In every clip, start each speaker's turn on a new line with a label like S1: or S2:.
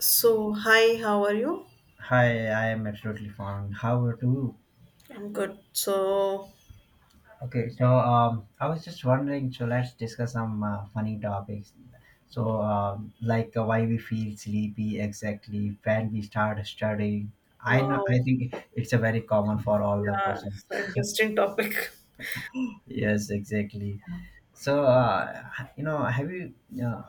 S1: So, hi, how are you?
S2: Hi, I am absolutely fine. How are you?
S1: I'm good. So,
S2: Okay, I was just wondering. So let's discuss some funny topics. Why we feel sleepy exactly when we start studying. I know. I
S1: wow,
S2: think it's a very common for all the
S1: yeah,
S2: person.
S1: it's an interesting topic.
S2: Yes, exactly. So uh, have you? Uh,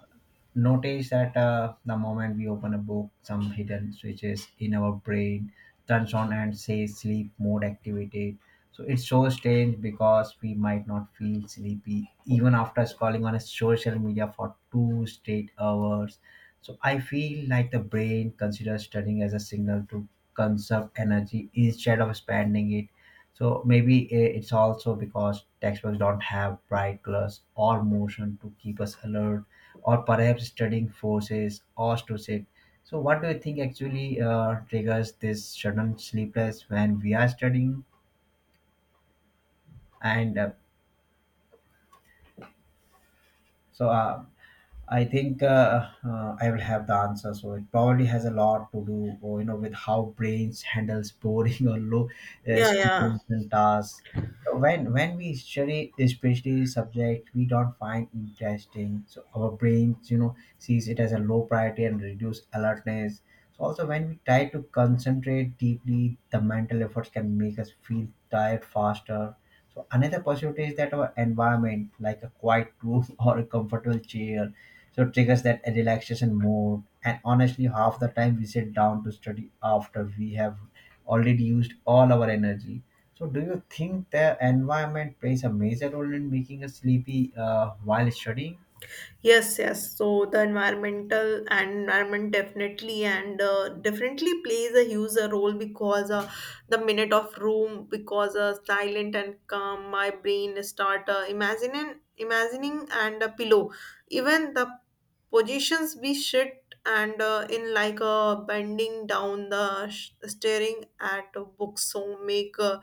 S2: Notice that the moment we open a book, some hidden switches in our brain turns on and says sleep mode activated. So it's so strange because we might not feel sleepy even after scrolling on a social media for two straight hours. So I feel like the brain considers studying as a signal to conserve energy instead of spending it. So maybe it's also because textbooks don't have bright colors or motion to keep us alert or perhaps studying forces or to sick. So, what do you think actually triggers this sudden sleepless when we are studying? And uh, so, uh, I think I will have the answer. So it probably has a lot to do, or, you know, with how brains handles boring or low
S1: Yeah, yeah.
S2: stimulation tasks. So, when we study especially subject we don't find interesting, so our brains you know sees it as a low priority and reduce alertness. So also when we try to concentrate deeply, the mental efforts can make us feel tired faster. So another possibility is that our environment, like a quiet room or a comfortable chair, so it triggers that relaxation mode and honestly half the time we sit down to study after we have already used all our energy. So do you think the environment plays a major role in making us sleepy while studying?
S1: Yes, yes. So the environment definitely and definitely plays a huge role because the minute of room because silent and calm, my brain start imagining and a pillow. Even the positions we sit and in like bending down staring at books so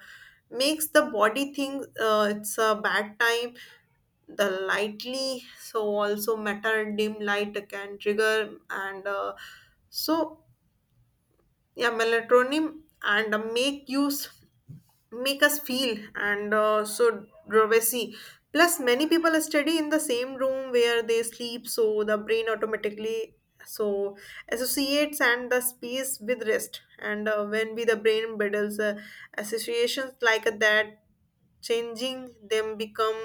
S1: makes the body think it's a bad time. The lightly so also matter, dim light can trigger and so yeah, melatonin and make us feel and so privacy. Plus many people study in the same room where they sleep, so the brain automatically so associates and the space with rest, and when we the brain builds associations like that, changing them become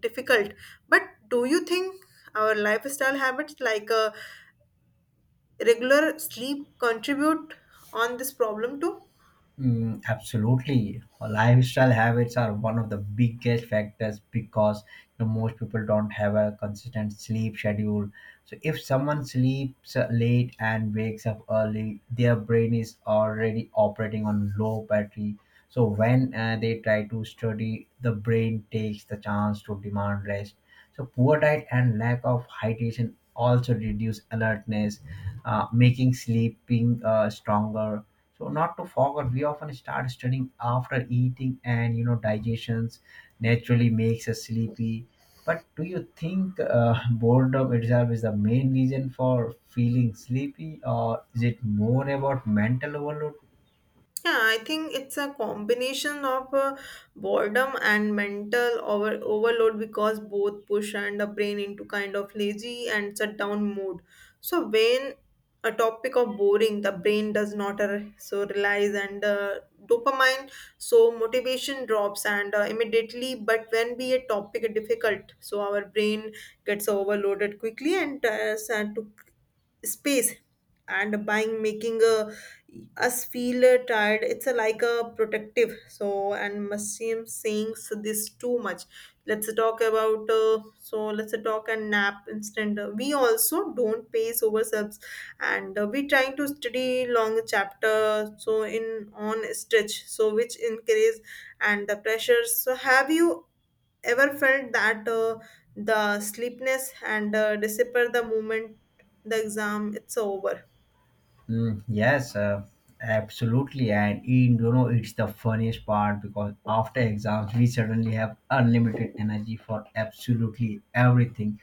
S1: difficult. But do you think our lifestyle habits like regular sleep contribute on this problem too?
S2: Mm, absolutely. Lifestyle habits are one of the biggest factors because you know, most people don't have a consistent sleep schedule. So, if someone sleeps late and wakes up early, their brain is already operating on low battery. So, when they try to study, the brain takes the chance to demand rest. So, poor diet and lack of hydration also reduce alertness, making sleeping stronger. So not to forget, we often start studying after eating, and you know digestions naturally makes us sleepy. But do you think boredom itself is the main reason for feeling sleepy, or is it more about mental overload?
S1: Yeah, I think it's a combination of boredom and mental overload because both push and the brain into kind of lazy and shut down mode. So when a topic of boring, the brain does not realize and dopamine, so motivation drops and immediately. But when be a topic difficult, so our brain gets overloaded quickly and tires and to space and buying making us feel tired. It's a, like a protective so and museum saying so this too much, let's talk and nap instead. We also don't pay over subs, and we trying to study long chapter so in on stretch, so which increase and the pressures. So have you ever felt that the sleepiness and disappear the moment the exam it's over?
S2: Mm, yes, absolutely. And in, you know, it's the funniest part because after exams, we suddenly have unlimited energy for absolutely everything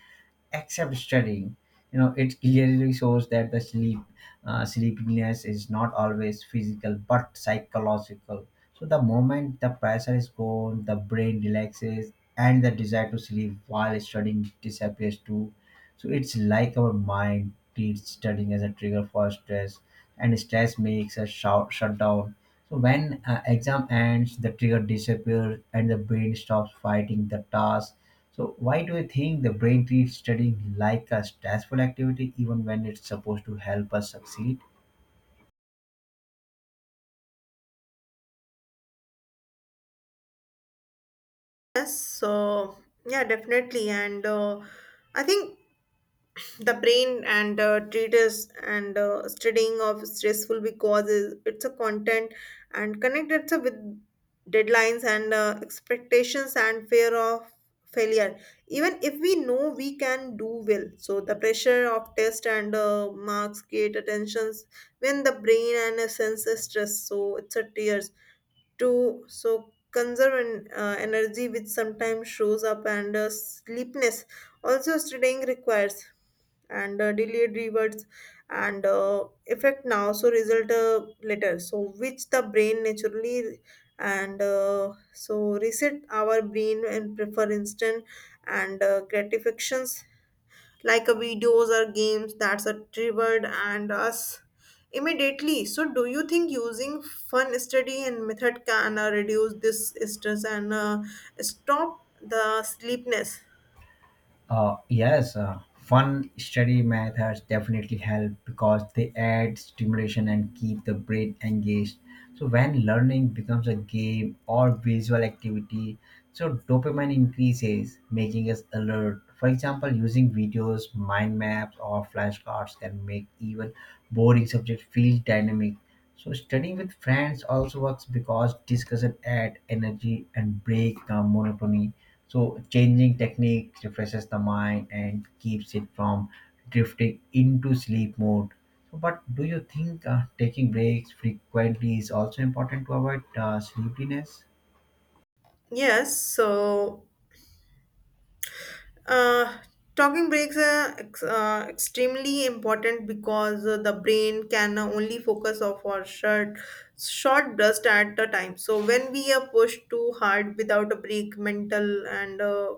S2: except studying. You know, it clearly shows that the sleepiness is not always physical but psychological. So the moment the pressure is gone, the brain relaxes, and the desire to sleep while studying disappears too. So it's like our mind treats studying as a trigger for stress, and stress makes us shut down. So when exam ends, the trigger disappears and the brain stops fighting the task. So why do you think the brain treats studying like a stressful activity even when it's supposed to help us succeed?
S1: Yes, so yeah, definitely and I think the brain and treatise and studying of stressful because it's a content and connected to with deadlines and expectations and fear of failure. Even if we know we can do well, so the pressure of test and marks create attentions. When the brain and senses stress, so it's a tears to so conserve energy, which sometimes shows up and sleepiness. Also studying requires and delayed rewards and effect now, so result later, so which the brain naturally and so reset our brain and prefer instant and gratifications like videos or games that's are triggered and us immediately. So do you think using fun study and method can reduce this stress and stop the sleepness?
S2: Yes, fun study methods definitely help because they add stimulation and keep the brain engaged. So when learning becomes a game or visual activity, so dopamine increases, making us alert. For example, using videos, mind maps, or flashcards can make even boring subjects feel dynamic. So studying with friends also works because discussion adds energy and break the monotony. So changing technique refreshes the mind and keeps it from drifting into sleep mode. So, but do you think taking breaks frequently is also important to avoid sleepiness?
S1: Yes, so Uh, talking breaks are extremely important because the brain can only focus of our short burst at a time. So when we are pushed too hard without a break, mental and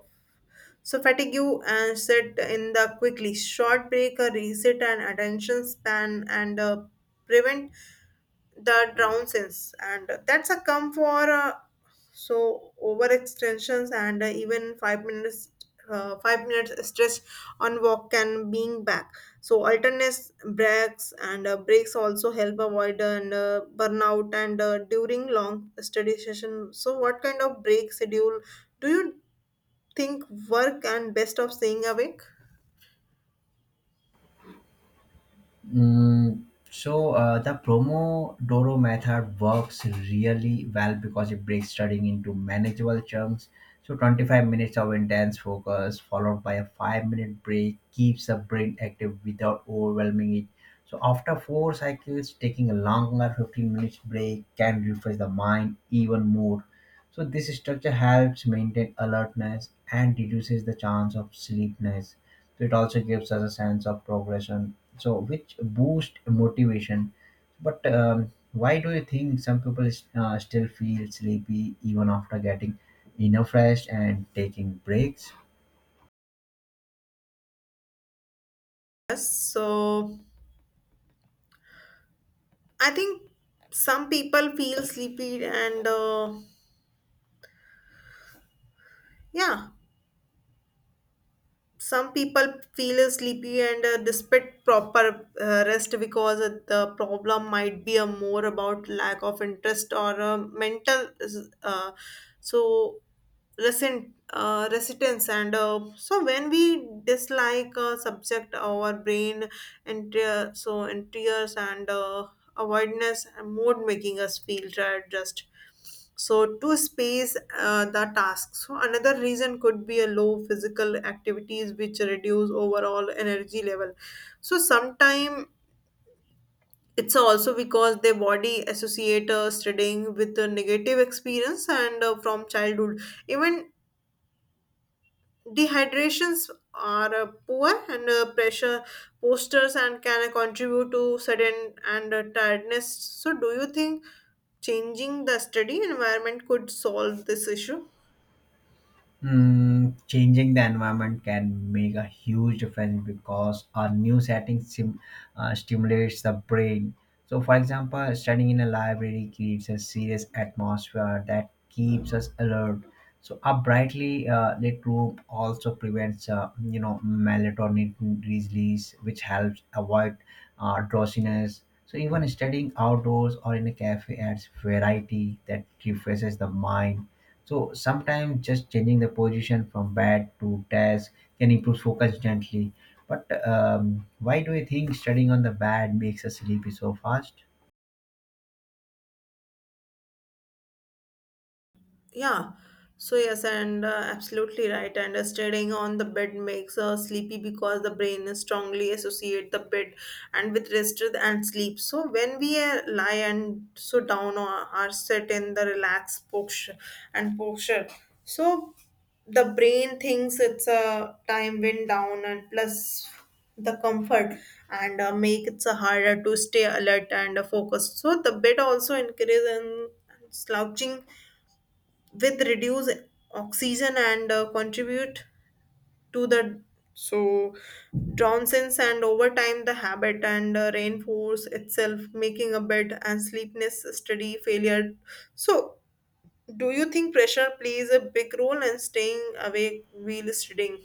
S1: so fatigue and set in the quickly short break, a reset and attention span and prevent the drowsiness. And that's a come for so overextensions, and even 5 minutes stretch on walk can being back. So alternate breaks also help avoid and burnout and during long study session. So what kind of break schedule do you think work and best of staying awake?
S2: Mm, so the Pomodoro method works really well because it breaks studying into manageable chunks. So 25 minutes of intense focus followed by a 5-minute break keeps the brain active without overwhelming it. So after 4 cycles taking a longer 15 minutes break can refresh the mind even more. So this structure helps maintain alertness and reduces the chance of sleepiness. So it also gives us a sense of progression. So which boost motivation. But why do you think some people still feel sleepy even after getting enough rest and taking breaks?
S1: Yes, so I think some people feel sleepy and uh, yeah some people feel sleepy and despite proper rest because the problem might be a more about lack of interest or mental uh, so resistance and so when we dislike a subject our brain and so enters and avoidance and mood, making us feel tired just so to space the task. So another reason could be a low physical activities which reduce overall energy level. So sometime it's also because their body associate studying with a negative experience and from childhood. Even dehydrations are poor and pressure posters and can contribute to sudden and tiredness. So do you think changing the study environment could solve this issue?
S2: Mm, changing the environment can make a huge difference because a new setting stimulates the brain. So, for example, studying in a library creates a serious atmosphere that keeps us alert. So, a brightly lit room also prevents, you know, melatonin release, which helps avoid drowsiness. So, even studying outdoors or in a cafe adds variety that refreshes the mind. So sometimes just changing the position from bed to desk can improve focus gently. But why do you think studying on the bed makes us sleepy so fast?
S1: Yeah. So yes, and absolutely right. And staying on the bed makes sleepy because the brain is strongly associate the bed and with rest and sleep. So when we lie and so down or are set in the relaxed posture, so the brain thinks it's a time wind down, and plus the comfort and make it harder to stay alert and focused. So the bed also increase in slouching with reduce oxygen and contribute to the so Johnson's, and over time the habit and reinforce itself, making a bed and sleepiness study failure. So do you think pressure plays a big role in staying awake while studying?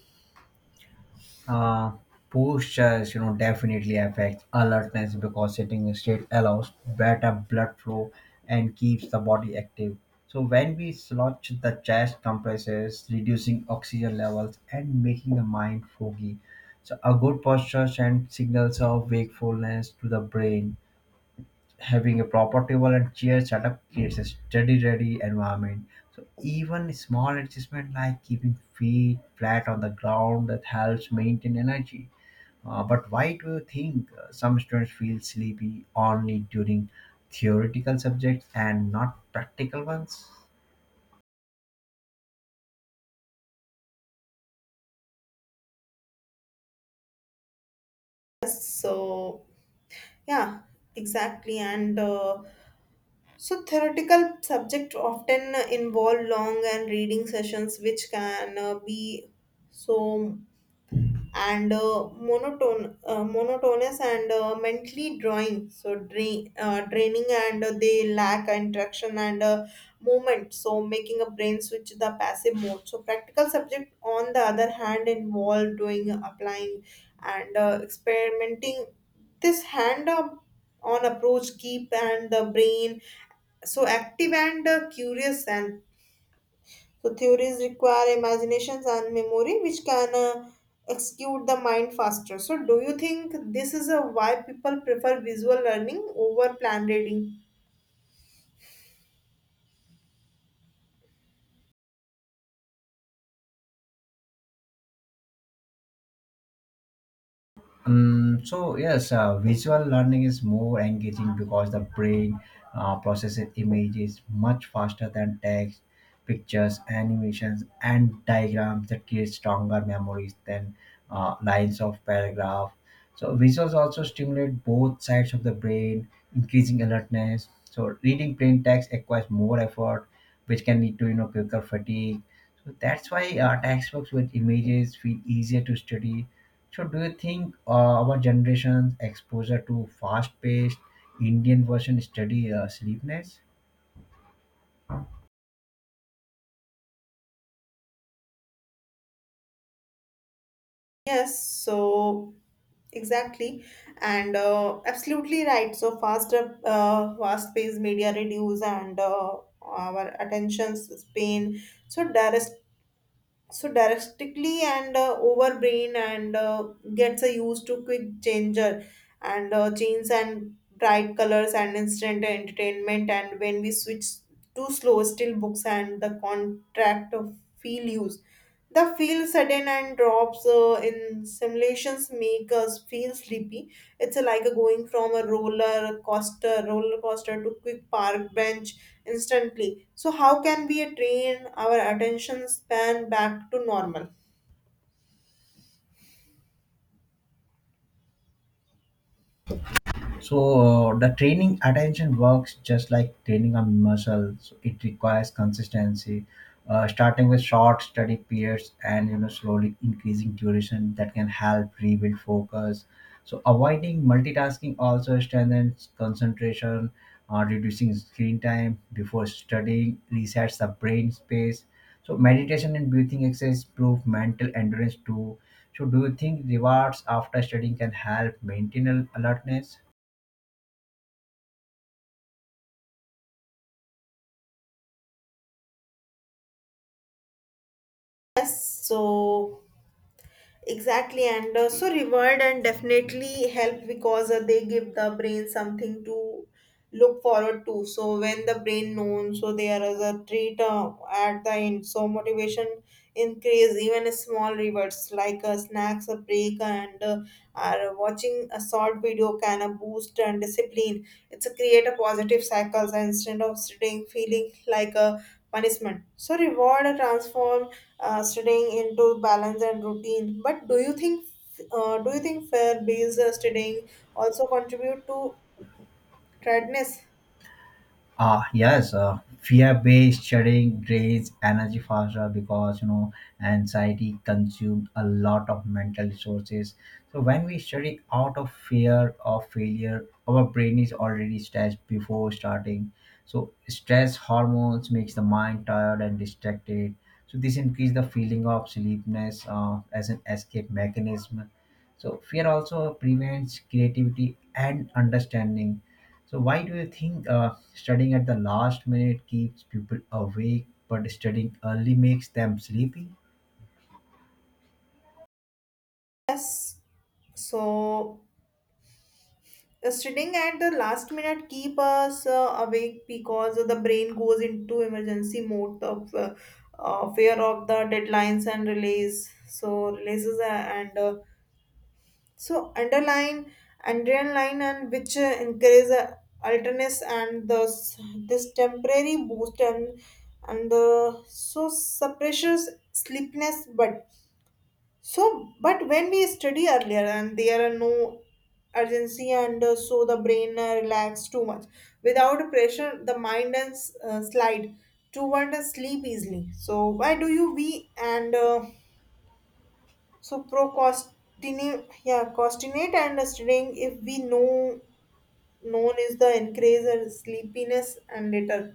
S2: Uh, Postures, you know, definitely affect alertness because sitting straight allows better blood flow and keeps the body active. So when we slouch, the chest compresses, reducing oxygen levels and making the mind foggy. So a good posture sends signals of wakefulness to the brain, having a proper table and chair setup creates a steady, ready environment. So even small adjustment like keeping feet flat on the ground that helps maintain energy. But why do you think some students feel sleepy only during theoretical subjects and not practical ones?
S1: So yeah, exactly, and so theoretical subjects often involve long and reading sessions, which can be so monotonous and mentally draining, and they lack interaction and movement, so making a brain switch the passive mode. So practical subject, on the other hand, involve doing, applying, and experimenting. This hand on approach keep and the brain so active and curious, and so theories require imaginations and memory, which can execute the mind faster. So do you think this is a why people prefer visual learning over plan reading?
S2: So yes, visual learning is more engaging because the brain processes images much faster than text, pictures, animations, and diagrams that create stronger memories than lines of paragraph. So visuals also stimulate both sides of the brain, increasing alertness. So reading plain text requires more effort, which can lead to you know quicker fatigue. So that's why textbooks with images feel easier to study. So, do you think our generation's exposure to fast-paced Indian version study sleepiness?
S1: Yes, so exactly, and absolutely right. So fast-paced media reduce and our attention span. So directly and over brain and gets a used to quick changer and chains and bright colors and instant entertainment, and when we switch to slow still books and the contract of feel use the feel sudden and drops in simulations, make us feel sleepy. It's a, like a going from a roller coaster to quick park bench instantly. So how can we train our attention span back to normal?
S2: So the training attention works just like training a muscle. So it requires consistency, starting with short study periods and you know slowly increasing duration that can help rebuild focus. So avoiding multitasking also strengthens concentration, reducing screen time before studying resets the brain space. So meditation and breathing exercise improve mental endurance too. So do you think rewards after studying can help maintain alertness?
S1: Yes, so exactly, and so reward and definitely help because they give the brain something to look forward to. So when the brain known, so there is a treat at the end. So motivation increase even a small rewards like snacks, a break, and are watching a short video can boost and discipline. It's a create a positive cycles instead of sitting feeling like a punishment. So reward transform studying into balance and routine. But do you think fair-based studying also contribute to tiredness?
S2: Ah yes, fear-based studying drains energy faster because you know anxiety consumes a lot of mental resources. So when we study out of fear of failure, our brain is already stressed before starting. So stress hormones makes the mind tired and distracted. So this increase the feeling of sleepiness as an escape mechanism. So fear also prevents creativity and understanding. So why do you think studying at the last minute keeps people awake, but studying early makes them sleepy?
S1: Yes. So studying at the last minute keep us awake because the brain goes into emergency mode of fear of the deadlines and release. So releases and So adrenaline, and which increase alertness this temporary boost and the so suppresses sleepiness. But when we study earlier and there are no urgency, and so the brain relax too much. Without pressure the mind and slide toward a sleep easily. So why do you we and so procrastinate and staying if we know known is the increase in sleepiness and later?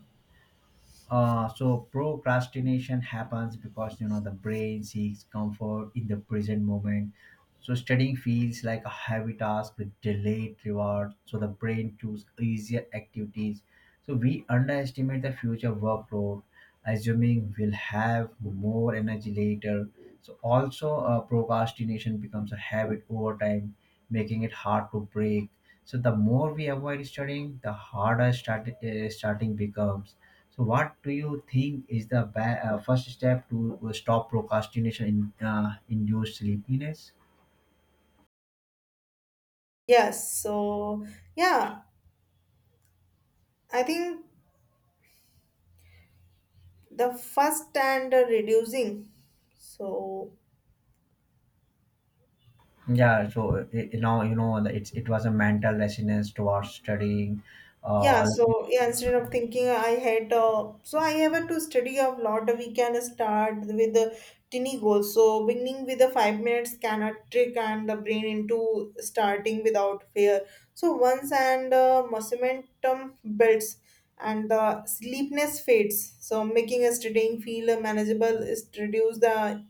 S2: So procrastination happens because you know the brain seeks comfort in the present moment. So studying feels like a heavy task with delayed reward. So the brain chooses easier activities. So we underestimate the future workload assuming we'll have more energy later. So also procrastination becomes a habit over time, making it hard to break. So the more we avoid studying, the harder starting becomes. So what do you think is the first step to stop procrastination in induced sleepiness?
S1: Yes, so yeah, I think the first and the reducing. So
S2: Yeah, so you know, that it was a mental resonance towards studying.
S1: yeah,
S2: Uh,
S1: so yeah, instead of thinking I had, so I have to study a lot. We can start with the tiny goals. So beginning with the 5 minutes can a trick and the brain into starting without fear. So once and momentum builds and the sleepness fades. So making a studying feel manageable is to reduce the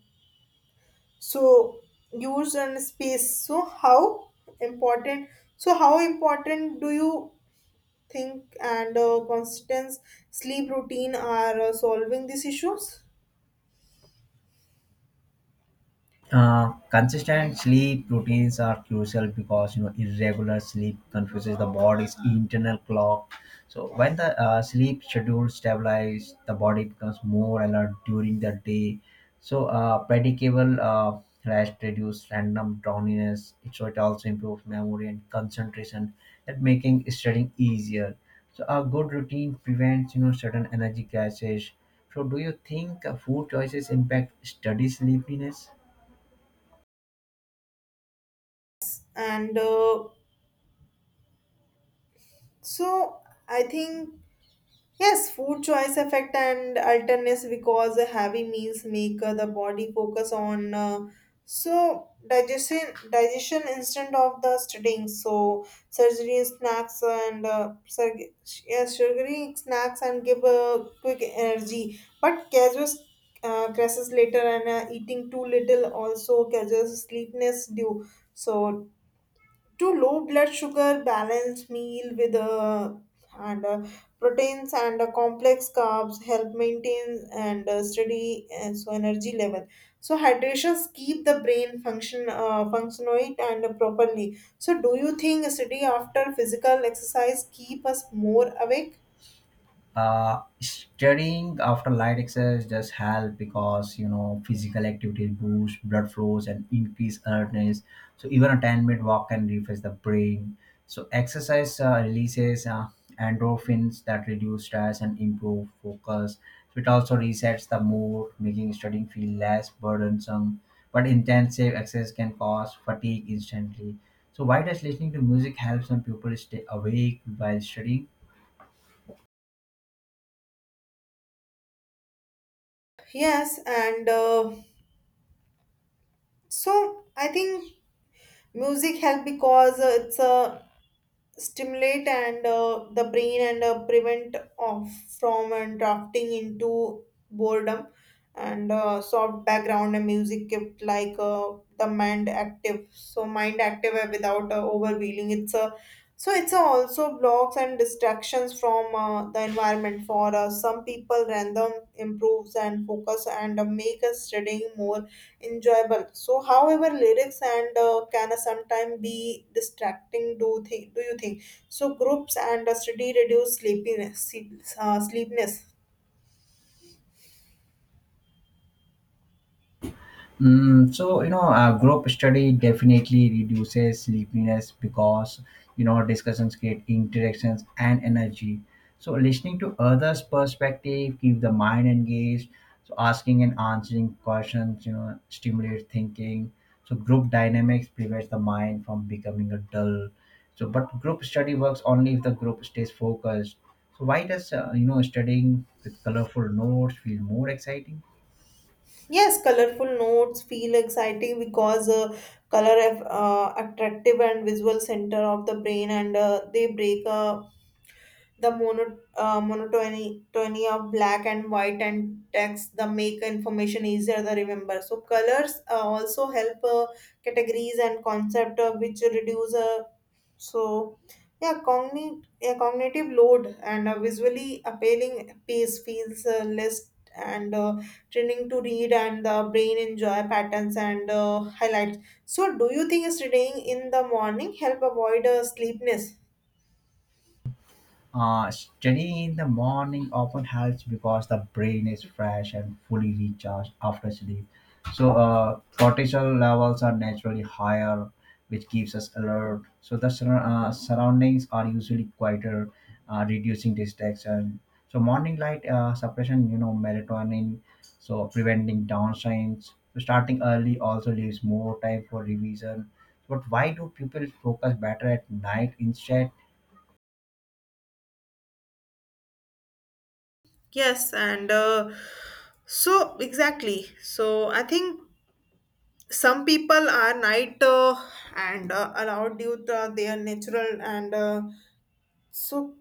S1: so use and space. So how important? So how important do you think and constant sleep routine are solving these issues
S2: Consistent sleep routines are crucial because you know irregular sleep confuses the body's internal clock. So when the sleep schedule stabilizes, the body becomes more alert during the day. So predictable rest reduces random drowsiness. So it also improves memory and concentration, and making studying easier. So a good routine prevents you know certain energy crashes. So do you think food choices impact study sleepiness?
S1: and so I think yes, food choice effect and alternates because the heavy meals make the body focus on so digestion digestion instead of the studying. So surgery snacks and surg- yeah, sugary snacks and give quick energy, but causes crashes later, and eating too little also causes sleepiness due. So to low blood sugar balanced meal with and proteins and complex carbs help maintain and steady energy level. So hydrations keep the brain function functionate and properly. So do you think sitting after physical exercise keep us more awake?
S2: Studying after light exercise does help because you know physical activity boosts blood flows and increase alertness. So even a 10-minute walk can refresh the brain. So exercise releases endorphins that reduce stress and improve focus. So it also resets the mood making studying feel less burdensome, but intensive exercise can cause fatigue instantly. So why does listening to music help some people stay awake while studying?
S1: Yes, and I think music help because it's a stimulate and the brain and prevent of from and drafting into boredom, and soft background and music kept like the mind active. So mind active without overwhelming. It's a so it's also blocks and distractions from the environment for some people random, improves and focus, and make us studying more enjoyable. So however lyrics and can sometimes be distracting. Do you think so groups and a study reduce sleepiness sleepiness?
S2: Mm, so you know, group study definitely reduces sleepiness because you know discussions create interactions and energy. So listening to others' perspective keep the mind engaged. So asking and answering questions, you know, stimulates thinking. So group dynamics prevents the mind from becoming a dull. So, but group study works only if the group stays focused. So why does studying with colorful notes feel more exciting?
S1: Yes, colorful notes feel exciting because color have attractive and visual center of the brain, and they break a the monotony tony of black and white and text, the make information easier to remember. So colors also help categories and concept, which reduce so yeah cogni- a cognitive load, and a visually appealing piece feels less and training to read, and the brain enjoy patterns and highlights. So do you think studying in the morning help avoid sleepiness?
S2: Studying in the morning often helps because the brain is fresh and fully recharged after sleep. So, cortisol levels are naturally higher, which keeps us alert. So, the surroundings are usually quieter, reducing distraction. So, morning light suppression, you know, melatonin, so preventing downshines. So, starting early also leaves more time for revision. But why do people focus better at night instead?
S1: Yes, and so exactly. So I think some people are night and allowed due to their natural and so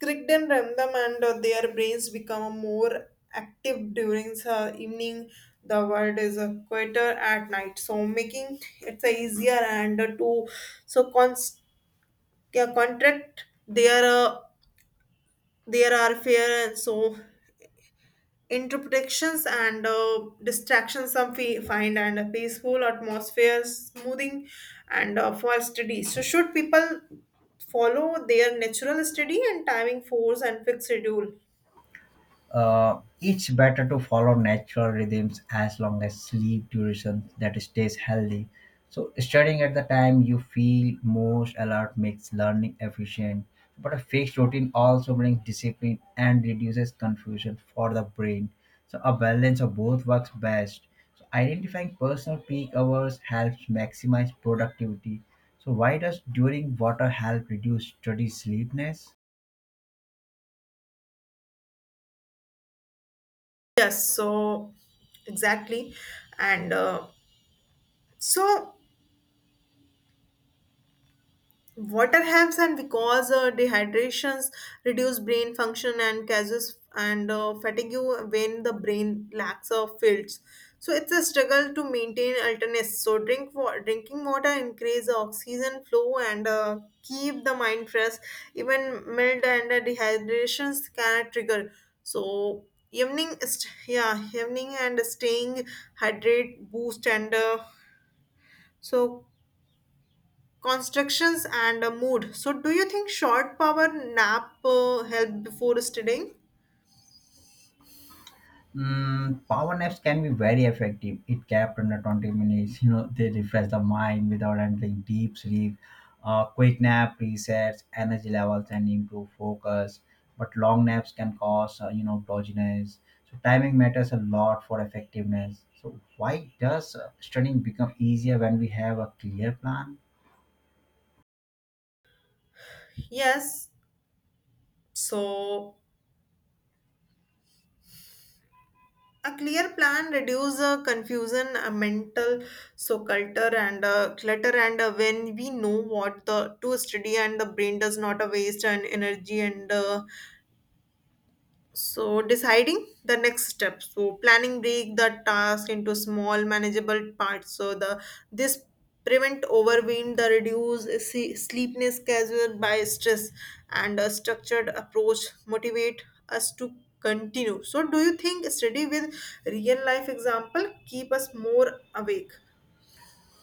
S1: crickden random, and their brains become more active during the evening. The world is quieter at night, so making it easier and to so const- yeah, contract their are fair, and so interpretations and distractions. Some find and a peaceful atmosphere smoothing and for study. So should people follow their natural study and timing force and fixed schedule?
S2: It's better to follow natural rhythms as long as sleep duration that stays healthy. So studying at the time you feel most alert makes learning efficient. But a fixed routine also brings discipline and reduces confusion for the brain. So a balance of both works best. So identifying personal peak hours helps maximize productivity. So why does during water help reduce study sleepiness?
S1: Yes, so exactly. and so Water helps, and because dehydrations reduce brain function and causes and fatigue. When the brain lacks fields, so it's a struggle to maintain alertness. So drinking water increase oxygen flow and keep the mind fresh. Even mild and dehydrations can trigger. So evening, evening and staying hydrate boost and so constructions and a mood. So do you think short power nap help before studying?
S2: Mm, power naps can be very effective. It kept under 20 minutes. You know, they refresh the mind without entering deep sleep. Quick nap resets energy levels and improve focus. But long naps can cause, you know, drowsiness. So timing matters a lot for effectiveness. So why does studying become easier when we have a clear plan?
S1: Yes, so a clear plan reduce confusion, a mental culture and clutter, and when we know what the to study, and the brain does not waste and energy and so deciding the next step. So planning break the task into small, manageable parts. So the this prevent overwhelm, the reduce sleepiness caused by stress, and a structured approach motivate us to continue. So do you think study with real life example keep us more awake?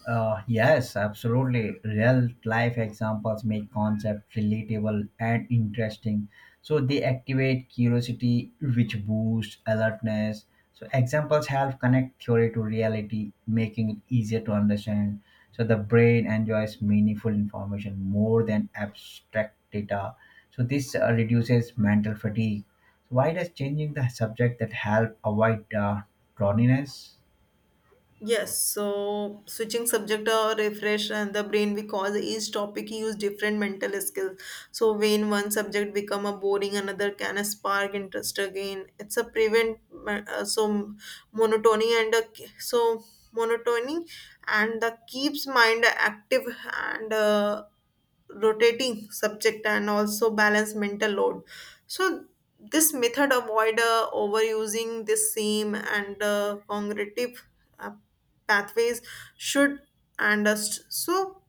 S2: Yes, absolutely. Real life examples make concepts relatable and interesting. So they activate curiosity, which boosts alertness. So examples help connect theory to reality, making it easier to understand. So the brain enjoys meaningful information more than abstract data. So this reduces mental fatigue. So why does changing the subject that help avoid drowsiness?
S1: Yes, so switching subject or refresh and the brain because each topic use different mental skills. So when one subject become a boring, another can spark interest again. It's a prevent so monotony and a, k- so monotony, and the keeps mind active, and rotating subject and also balance mental load. So this method avoid overusing the same and cognitive uh, pathways. Should and st- so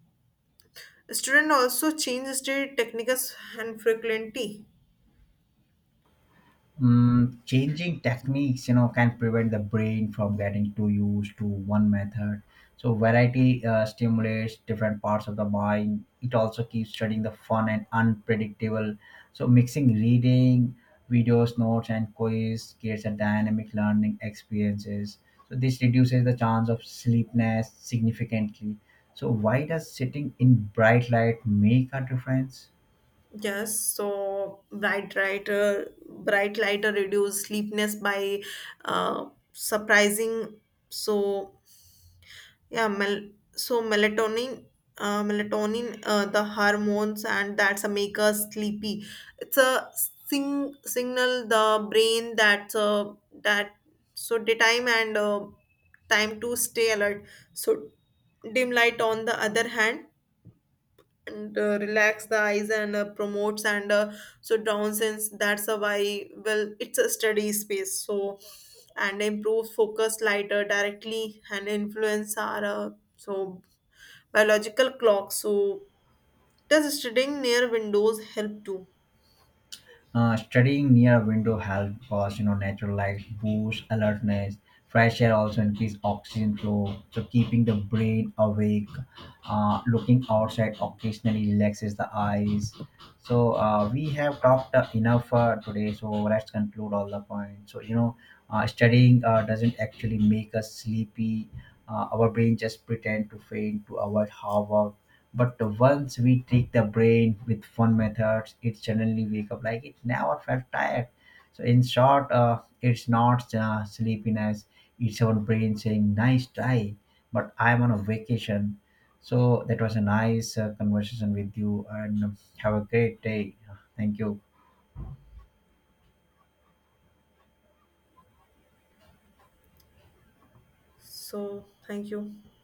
S1: student also changes the techniques and frequency?
S2: Mm, changing techniques you know can prevent the brain from getting too used to one method. So variety stimulates different parts of the mind, it also keeps studying the fun and unpredictable. So mixing reading, videos, notes and quiz creates a dynamic learning experiences. So this reduces the chance of sleepiness significantly. So why does sitting in bright light make a difference?
S1: Yes, so bright lighter reduce sleepiness by uh, surprising. So melatonin, melatonin, the hormones, and that's a make us sleepy. It's a signal the brain that's that so daytime and time to stay alert. So dim light on the other hand and relax the eyes and promotes and so downsince. That's a why well it's a study space, so and improves focus. Lighter directly and influence our so biological clock. So does studying near windows help too?
S2: Studying near a window helps cause you know natural light boosts alertness. Fresh air also increases oxygen flow, so keeping the brain awake. Looking outside occasionally relaxes the eyes. So we have talked enough today. So let's conclude all the points. So you know, studying doesn't actually make us sleepy. Our brain just pretend to faint to avoid harm, or but once we trick the brain with fun methods, it suddenly wake up like it never felt tired. So in short, it's not sleepiness; it's our brain saying "nice try," but I'm on a vacation. So that was a nice conversation with you, and have a great day. Thank you.
S1: So thank you.